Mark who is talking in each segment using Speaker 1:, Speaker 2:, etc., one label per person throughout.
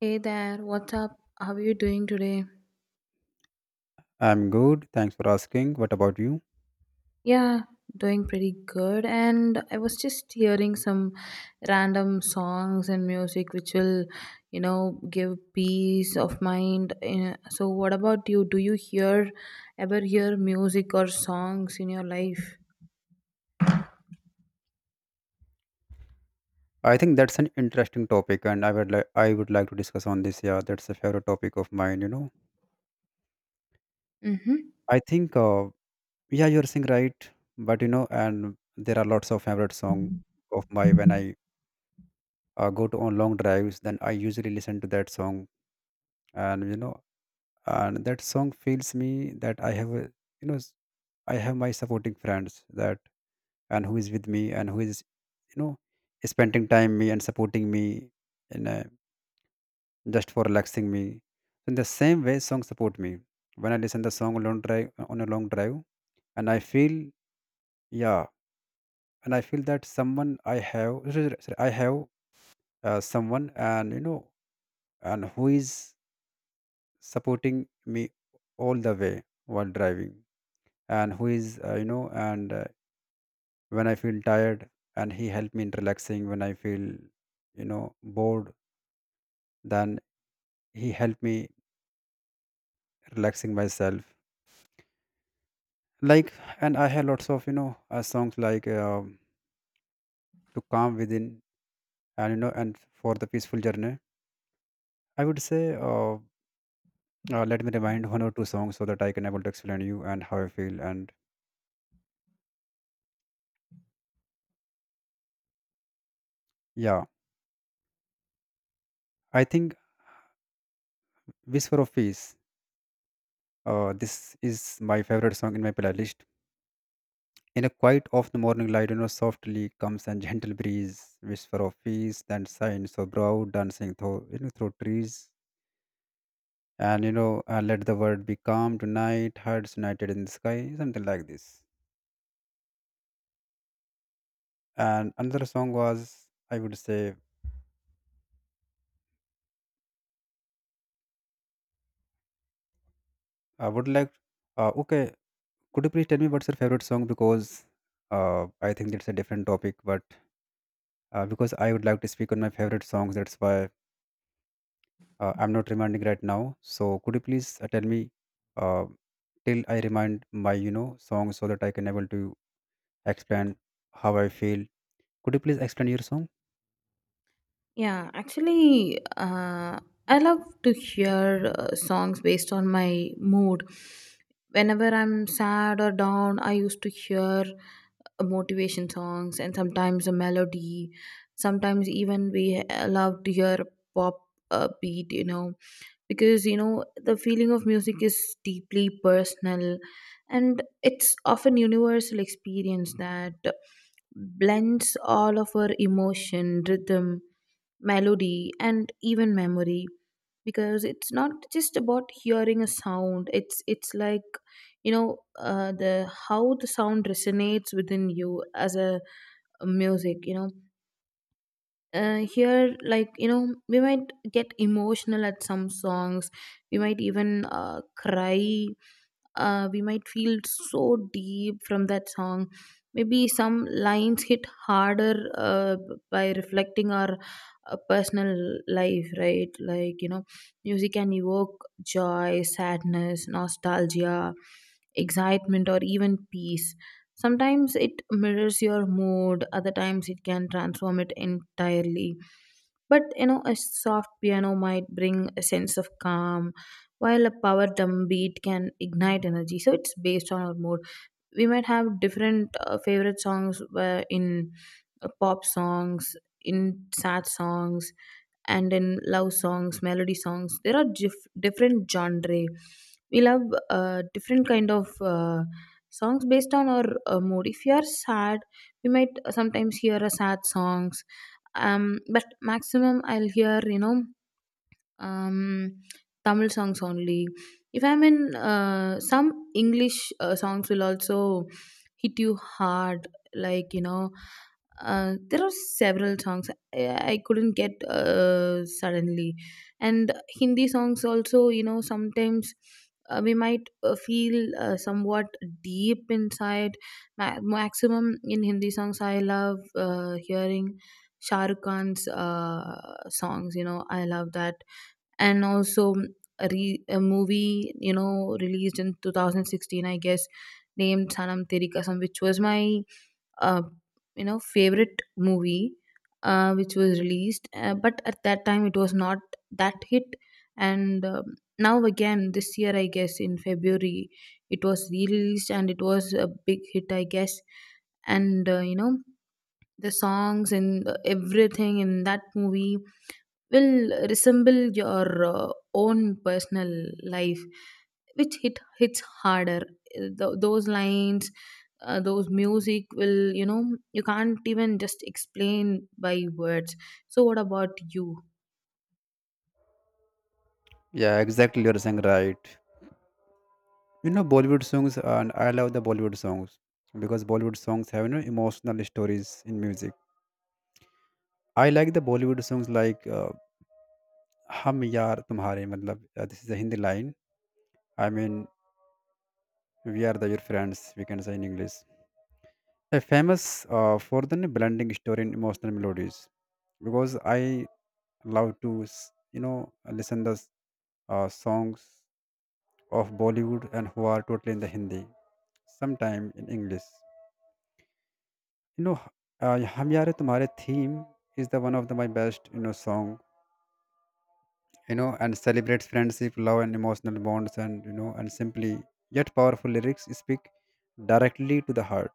Speaker 1: Hey there, what's up? How are you doing today?
Speaker 2: I'm good. Thanks for asking. What about you?
Speaker 1: Yeah, doing pretty good. And I was just hearing some random songs and music which will give peace of mind. So, what about you? Do you hear ever hear music or songs in your life?
Speaker 2: I think that's an interesting topic, and I would like to discuss on this. Yeah, that's a favorite topic of mine.
Speaker 1: Mm-hmm.
Speaker 2: I think yeah, you're saying right, but and there are lots of favorite song of my when I go to on long drives. Then I usually listen to that song, and and that song feels me that I have a, you know, s- I have my supporting friends that and who is with me and who is you know spending time me and supporting me in a. just for relaxing me. So, in the same way, songs support me. When I listen the song long drive on a long drive, and I feel yeah, and I feel that someone I have sorry, I have someone and and who is supporting me all the way while driving and who is you know and when I feel tired and he helped me in relaxing when I feel bored, then he helped me relaxing myself, like, and I have lots of songs like to calm within and and for the peaceful journey. I would say let me remind one or two songs so that I can able to explain you and how I feel. And yeah, I think "Whisper of Peace", this is my favorite song in my playlist. In a quiet of the morning light, softly comes and gentle breeze, whisper of peace, then signs so brow dancing through, through trees, and let the world be calm tonight, hearts united in the sky, something like this. And another song was, I would say, I would like, okay, could you please tell me what's your favorite song? Because I think that's a different topic, but because I would like to speak on my favorite songs, that's why I'm not reminding right now. So could you please tell me uh, till I remind my song so that I can able to explain how I feel. Could you please explain your song?
Speaker 1: Yeah, actually, I love to hear songs based on my mood. Whenever I'm sad or down, I used to hear motivation songs, and sometimes a melody, sometimes even we love to hear pop beat, because the feeling of music is deeply personal, and it's often universal experience that blends all of our emotion, rhythm, melody, and even memory. Because it's not just about hearing a sound, it's like the how the sound resonates within you as a music. Uh, here, like, we might get emotional at some songs. We might even cry. Uh, we might feel so deep from that song. Maybe some lines hit harder, by reflecting our personal life, right? Music can evoke joy, sadness, nostalgia, excitement, or even peace. Sometimes it mirrors your mood, other times it can transform it entirely. But you know, a soft piano might bring a sense of calm, while a power drum beat can ignite energy. So it's based on our mood. We might have different favorite songs, in pop songs, in sad songs, and in love songs, melody songs. There are different genre. We love different kind of songs based on our mood. If you are sad, we might sometimes hear a sad songs. Um, but maximum I'll hear, um, Tamil songs only. If I'm in some English songs will also hit you hard. Like you know, there are several songs I couldn't get suddenly, and Hindi songs also. You know, sometimes. We might feel somewhat deep inside. Maximum in Hindi songs, I love hearing Shah Rukh Khan's songs. You know, I love that. And also a movie, you know, released in 2016, I guess, named Sanam Teri Kasam, which was my uh, you know, favorite movie, which was released, but at that time it was not that hit. And now again this year, I guess in February, it was released, and it was a big hit, I guess. And you know, the songs and the everything in that movie will resemble your own personal life, which hits harder. Those lines, those music will, you can't even just explain by words. So what about you?
Speaker 2: Yeah, exactly, you're saying right. You know Bollywood songs, and I love the Bollywood songs because Bollywood songs have emotional stories in music. I like the Bollywood songs like "Hum Yaar Tumhare", matlab, this is a Hindi line. I mean, we are the your friends. We can say in English. A famous for the blending story and emotional melodies, because I love to you know listen the songs of Bollywood and who are totally in the Hindi, sometime in English. You know, "Hum Yaar Tumhare" theme is the one of the, my best, song. You know, and celebrates friendship, love, and emotional bonds, and and simply yet powerful lyrics speak directly to the heart.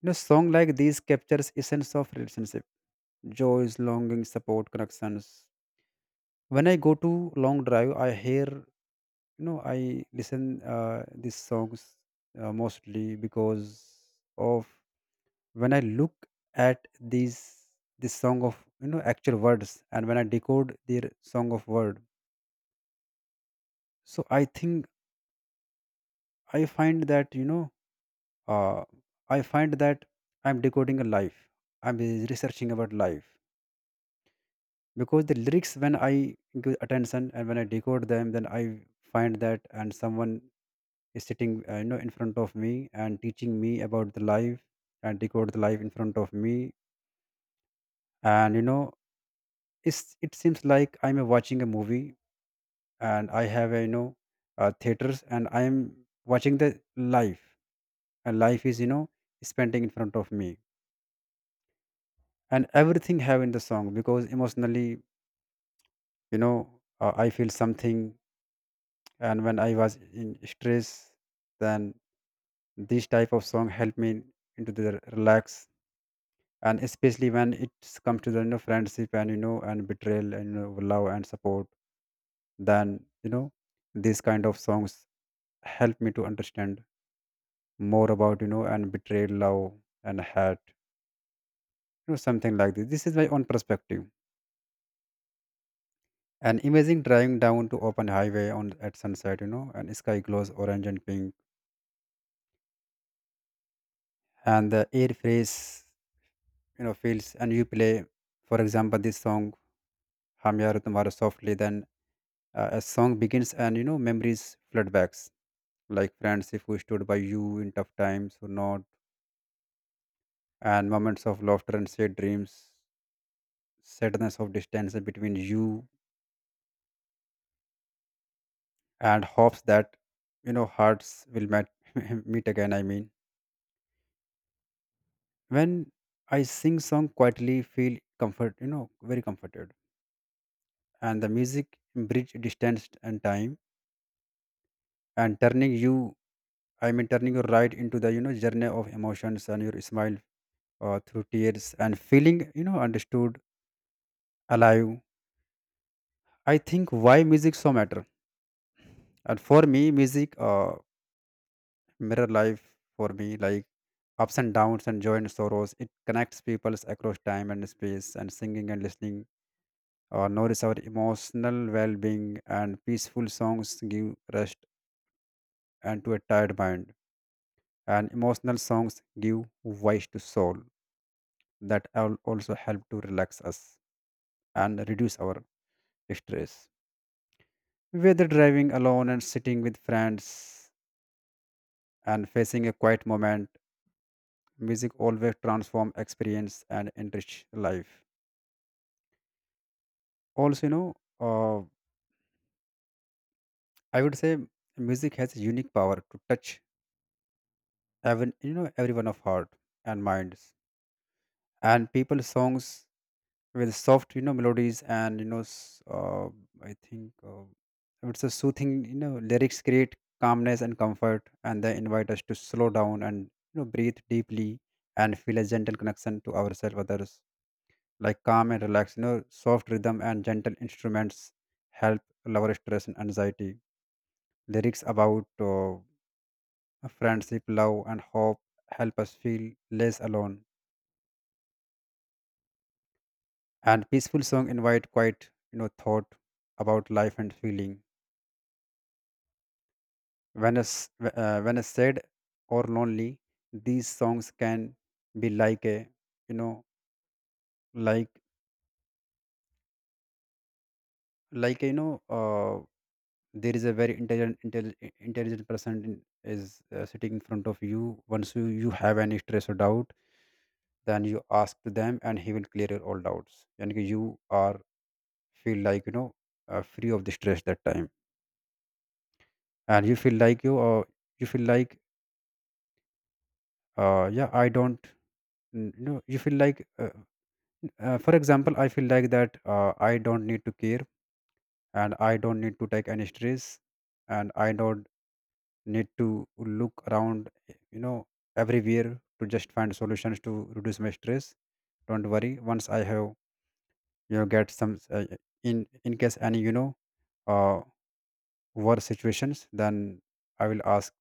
Speaker 2: You know, song like these captures essence of relationship, joys, longing, support, connections. When I go to long drive, I hear, I listen these songs mostly because of when I look at these this song of actual words. And when I decode their song of word, so I think I find that uh, I find that I'm decoding a life. I'm researching about life because the lyrics, when I give attention and when I decode them, then I find that and someone is sitting in front of me and teaching me about the life and decode the life in front of me. And it's, it seems like I'm watching a movie, and I have theaters, and I am watching the life, and life is spending in front of me, and everything have in the song because emotionally I feel something. And when I was in stress, then this type of song help me into the relax, and especially when it comes to the friendship and and betrayal and love and support, then these kind of songs help me to understand more about and betrayed love and hate, something like this. This is my own perspective. And imagine driving down to open highway on at sunset, and sky glows orange and pink and the air fresh, feels, and you play, for example, this song "Hum Yaar Tumhara" softly. Then a song begins, and memories flood back, like friends, if we stood by you in tough times or not, and moments of laughter and shared dreams, sadness of distance between you, and hopes that hearts will met, meet again, I mean, when I sing song quietly, feel comfort, very comforted, and the music bridge distance and time, and turning you, I mean turning you right into the journey of emotions and your smile through tears and feeling understood, alive. I think why music so matter, and for me music mirror life for me, like ups and downs and joy and sorrows. It connects people across time and space, and singing and listening nourish our emotional well-being, and peaceful songs give rest and to a tired mind, and emotional songs give voice to soul that also help to relax us and reduce our stress, whether driving alone and sitting with friends and facing a quiet moment. Music always transform experience and enrich life. Also, uh, I would say music has a unique power to touch even everyone of heart and minds. And people songs with soft melodies and I think it's a soothing lyrics create calmness and comfort, and they invite us to slow down and breathe deeply and feel a gentle connection to ourselves, others, like calm and relax. You know, soft rhythm and gentle instruments help lower stress and anxiety. Lyrics about friendship, love, and hope help us feel less alone. And peaceful song invite quite thought about life and feeling. When us sad or lonely, these songs can be like a you know like like you know uh, there is a very intelligent person is sitting in front of you. Once you have any stress or doubt, then you ask to them and he will clear your all doubts, and you are feel like free of the stress that time. And you feel like yeah I don't n- you know you feel like for example, I feel like that I don't need to care and I don't need to take any stress and I don't need to look around, everywhere, to just find solutions to reduce my stress. Don't worry, once I have get some in case any uh worse situations, then I will ask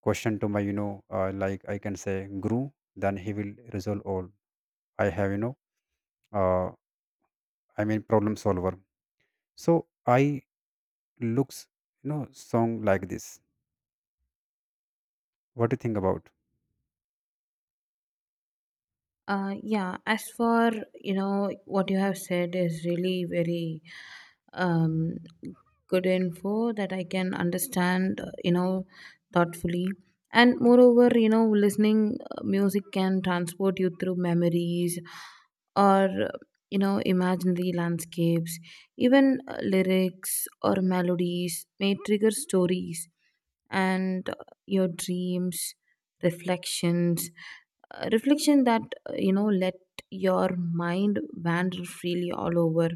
Speaker 2: question to my like I can say guru. Then he will resolve all I have, uh I mean problem solver. So I looks song like this. What do you think about?
Speaker 1: Yeah, as for, what you have said is really very um, good info that I can understand, thoughtfully. And moreover, you know, listening music can transport you through memories or, you know, imaginary landscapes. Even lyrics or melodies may trigger stories and your dreams, reflections, reflection that let your mind wander freely all over.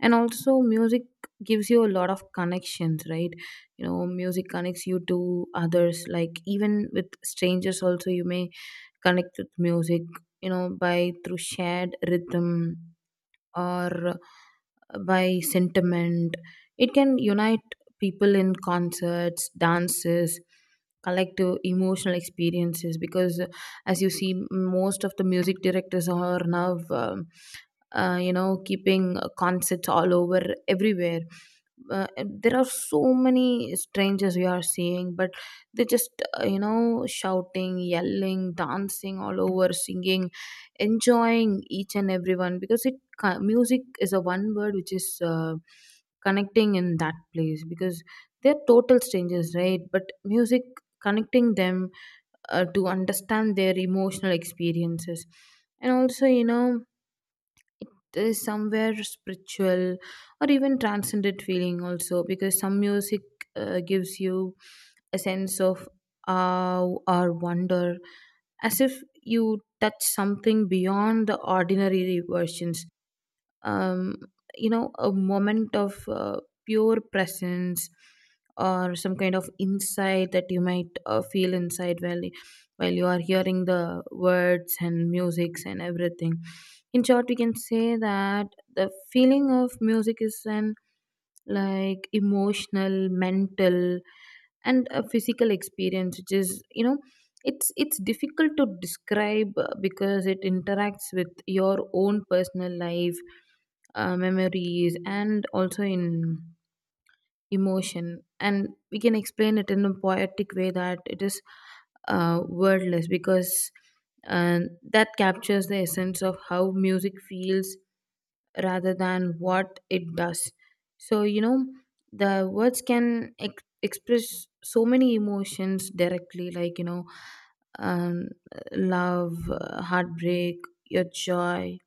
Speaker 1: And also music gives you a lot of connections, right? You know, music connects you to others, like even with strangers also you may connect with music, you know, by through shared rhythm or by sentiment. It can unite people in concerts, dances, collective emotional experiences, because as you see most of the music directors are now you know, keeping concerts all over everywhere. Uh, there are so many strangers we are seeing, but they just you know, shouting, yelling, dancing all over, singing, enjoying each and everyone, because music is a one word which is connecting in that place, because they're total strangers, right? But music connecting them to understand their emotional experiences. And also, you know, is somewhere spiritual or even transcendent feeling also, because some music gives you a sense of awe or wonder, as if you touch something beyond the ordinary versions. um, you know, a moment of pure presence or some kind of insight that you might feel inside while you are hearing the words and musics and everything. In short, we can say that the feeling of music is an, like, emotional, mental, and a physical experience, which is, you know, it's difficult to describe, because it interacts with your own personal life, memories, and also in emotion. And we can explain it in a poetic way that it is wordless, because uh, that captures the essence of how music feels rather than what it does. So you know, the words can express so many emotions directly, like you know, um, love, heartbreak, your joy,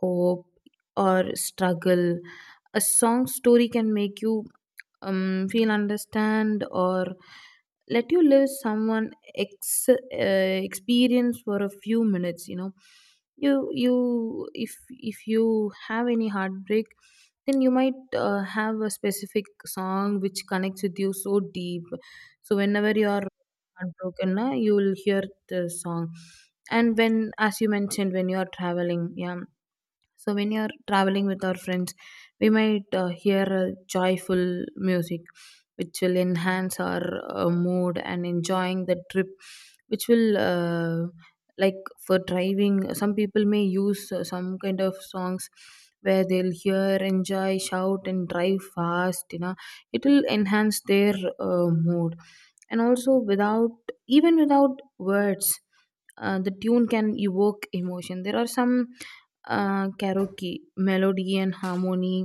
Speaker 1: hope, or struggle. A song story can make you feel, understand, or let you live someone experience for a few minutes, you know. You if you have any heartbreak, then you might have a specific song which connects with you so deep. So whenever you are heartbroken na, you will hear the song. And when, as you mentioned, when you are traveling, yeah, so when you're traveling with our friends, we might hear a joyful music, which will enhance our mood and enjoying the trip, which will, like for driving. Some people may use some kind of songs where they'll hear, enjoy, shout, and drive fast. You know, it will enhance their mood, and also without even without words. The tune can evoke emotion. There are some karaoke melody and harmony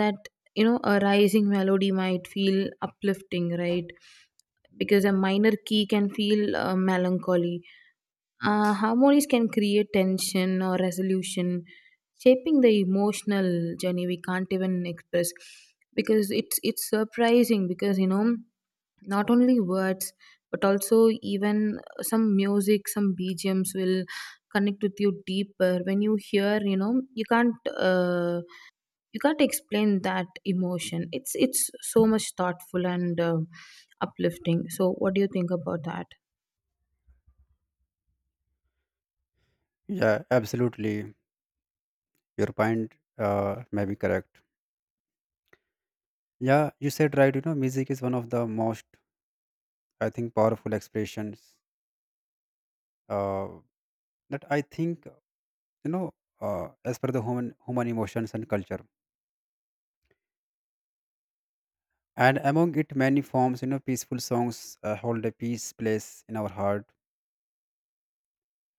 Speaker 1: that, you know, a rising melody might feel uplifting, right? Because a minor key can feel melancholy. Uh, harmonies can create tension or resolution, shaping the emotional journey we can't even express, because it's surprising. Because you know, not only words but also even some music, some BGMs will connect with you deeper when you hear. You know, you can't explain that emotion. It's so much thoughtful and uplifting. So what do you think about that?
Speaker 2: Yeah, absolutely, your point may be correct. Yeah, you said right, you know music is one of the most, I think, powerful expressions uh that I think you know, as per the human emotions and culture. And among it, many forms, peaceful songs hold a peace place in our heart.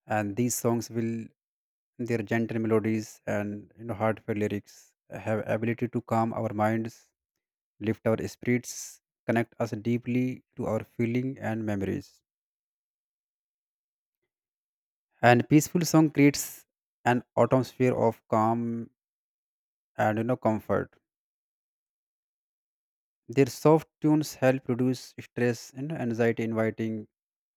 Speaker 2: And these songs will, their gentle melodies and heartfelt lyrics have ability to calm our minds, lift our spirits, connect us deeply to our feeling and memories. And peaceful song creates an atmosphere of calm and comfort. Their soft tunes help reduce stress and anxiety, inviting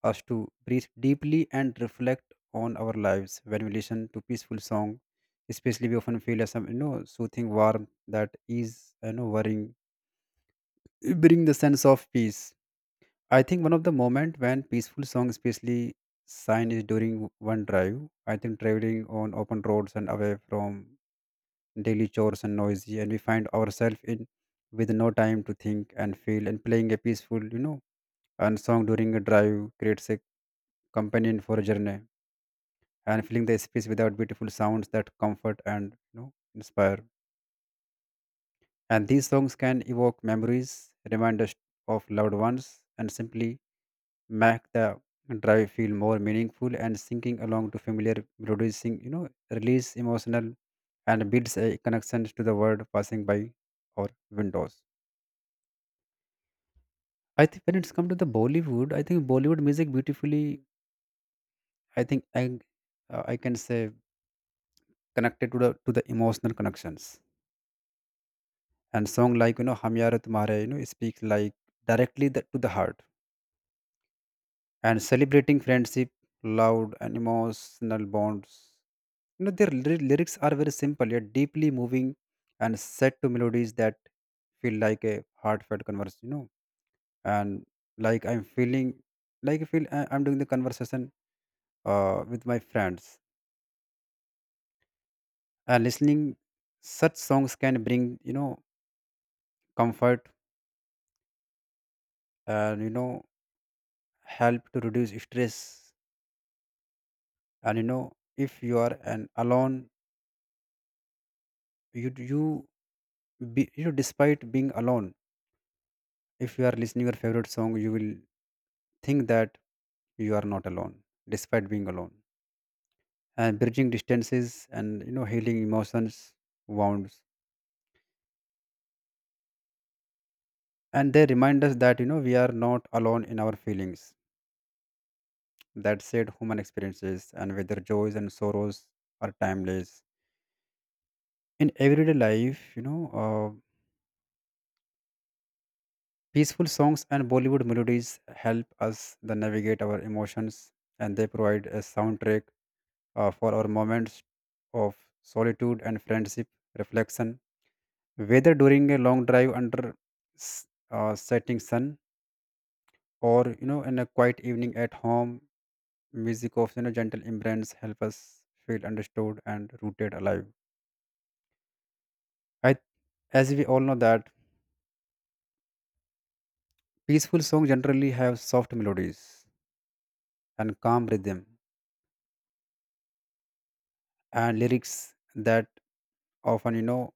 Speaker 2: us to breathe deeply and reflect on our lives. When we listen to peaceful song, especially we often feel a some soothing warmth that is worrying, bring the sense of peace. I think one of the moment when peaceful song, especially sign, is during one drive. I think traveling on open roads and away from daily chores and noisy, and we find ourselves in with no time to think and feel, and playing a peaceful and song during a drive creates a companion for a journey and filling the space without beautiful sounds that comfort and inspire. And these songs can evoke memories, remind us of loved ones, and simply make the drive feel more meaningful, and singing along to familiar producing release emotional and builds a connection to the world passing by our windows. I think when it's come to the Bollywood, I think Bollywood music beautifully, I think I can say connected to the emotional connections. And song like "Hum Yaar Tumhare", speaks like directly the, to the heart and celebrating friendship, loud and emotional bonds. You know, their lyrics are very simple yet deeply moving and set to melodies that feel like a heartfelt converse, you know, and like I'm feeling, like I'm doing the conversation with my friends. And listening such songs can bring, you know, comfort and, you know, help to reduce stress. And, you know, if you are an alone, you be, you know despite being alone, if you are listening your favorite song, you will think that you are not alone despite being alone, and bridging distances and healing emotions wounds. And they remind us that we are not alone in our feelings, that said human experiences, and whether joys and sorrows are timeless in everyday life. You know, peaceful songs and Bollywood melodies help us the navigate our emotions, and they provide a soundtrack for our moments of solitude and friendship reflection, whether during a long drive under setting sun or in a quiet evening at home. Music of gentle embrace help us feel understood and rooted alive. I, as we all know that peaceful songs generally have soft melodies and calm rhythm and lyrics that often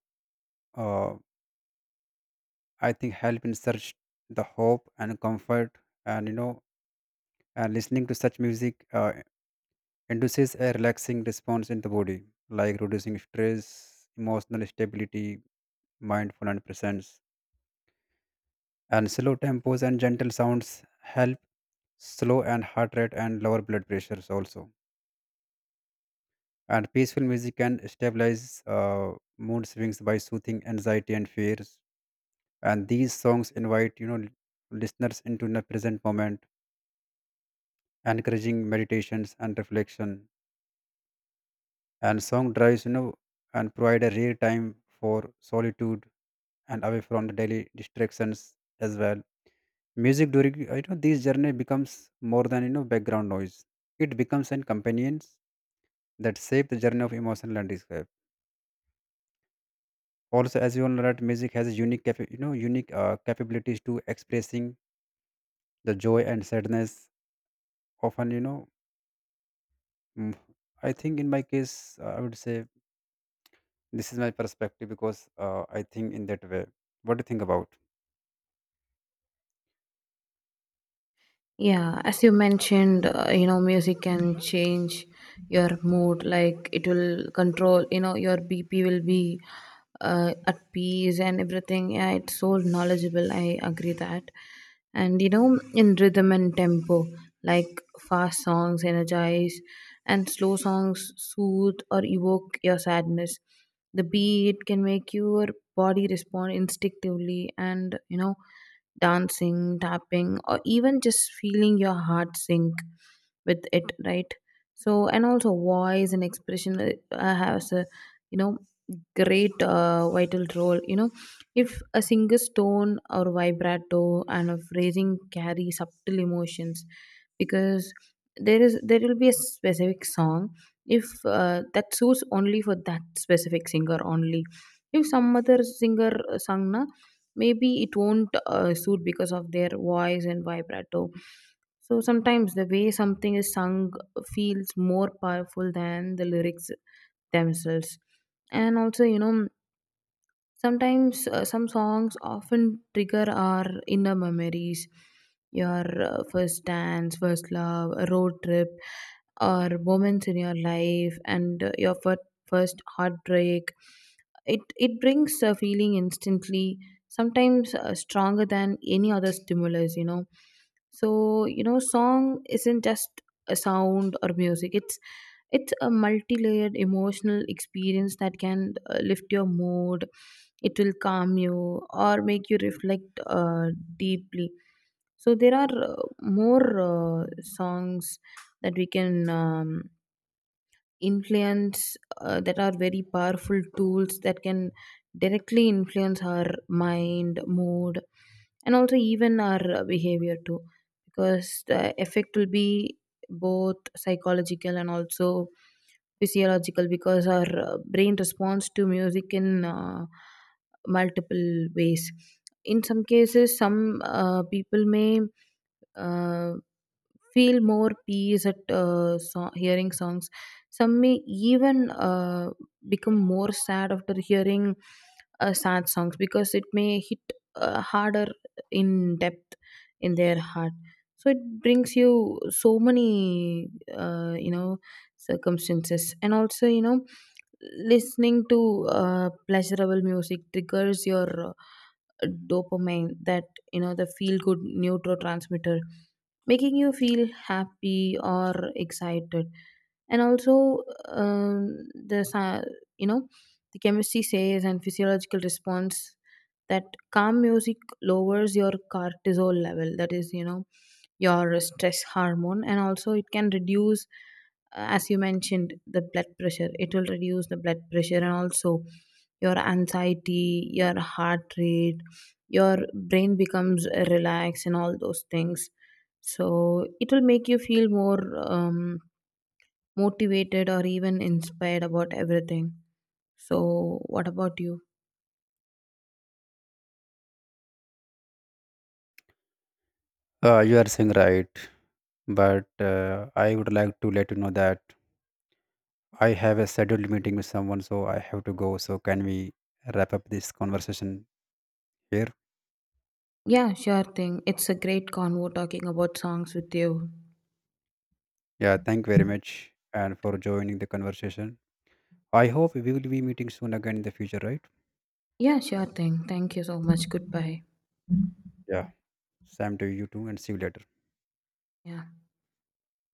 Speaker 2: uh, I think help in search the hope and comfort. And and listening to such music induces a relaxing response in the body, like reducing stress, emotional stability, mindful and presence. And slow tempos and gentle sounds help slow and heart rate and lower blood pressures also. And peaceful music can stabilize mood swings by soothing anxiety and fears. And these songs invite listeners into the present moment, encouraging meditations and reflection. And song drives, and provide a rare time for solitude and away from the daily distractions as well. Music during this journey becomes more than background noise. It becomes an companions that shape the journey of emotional landscape. Also, as you all know that music has a unique unique capabilities to expressing the joy and sadness, often mm, I think in my case, I would say this is my perspective because I think in that way. What do you think about?
Speaker 1: Yeah, as you mentioned, you know, music can change your mood. Like it will control, you know, your BP will be at peace and everything. Yeah, it's so knowledgeable. I agree that. And you know, in rhythm and tempo, like fast songs energize and slow songs soothe or evoke your sadness. The beat can make your body respond instinctively and, you know, dancing, tapping, or even just feeling your heart sink with it, right? So, and also voice and expression has a, you know, great vital role. You know, if a singer's tone or vibrato and a phrasing carry subtle emotions, because there will be a specific song if that suits only for that specific singer only. If some other singer sung na, maybe it won't suit because of their voice and vibrato. So sometimes the way something is sung feels more powerful than the lyrics themselves. And also you know, sometimes some songs often trigger our inner memories, your first dance, first love, a road trip, or moments in your life, and your first heartbreak. It brings a feeling instantly, sometimes stronger than any other stimulus, you know. So you know, song isn't just a sound or music. It's a multi-layered emotional experience that can lift your mood, it will calm you or make you reflect deeply. So there are more uh, songs that we can influence, that are very powerful tools that can directly influence our mind, mood, and also even our behavior too. Because the effect will be both psychological and also physiological, because our brain responds to music in multiple ways. In some cases, some people may uh, feel more peace at hearing songs. Some may even become more sad after hearing sad songs, because it may hit harder in depth in their heart. So it brings you so many, you know, circumstances, and also you know, listening to pleasurable music triggers your dopamine, that you know, the feel good neurotransmitter, making you feel happy or excited. And also um, the sa- you know, the chemistry says and physiological response, that calm music lowers your cortisol level, that is, you know, your stress hormone, and also it can reduce, as you mentioned, the blood pressure. It will reduce the blood pressure, and also your anxiety, your heart rate, your brain becomes relaxed, and all those things. So it will make you feel more um, motivated or even inspired about everything. So what about you?
Speaker 2: You are saying right, but I would like to let you know that I have a scheduled meeting with someone, so I have to go. So can we wrap up this conversation here?
Speaker 1: Yeah, sure thing, it's a great convo talking about songs with you.
Speaker 2: Yeah, thank you very much and for joining the conversation. I hope we will be meeting soon again in the future, right?
Speaker 1: Yeah, sure thing, thank you so much, goodbye.
Speaker 2: Yeah, Sam to you too, and see you later.
Speaker 1: Yeah.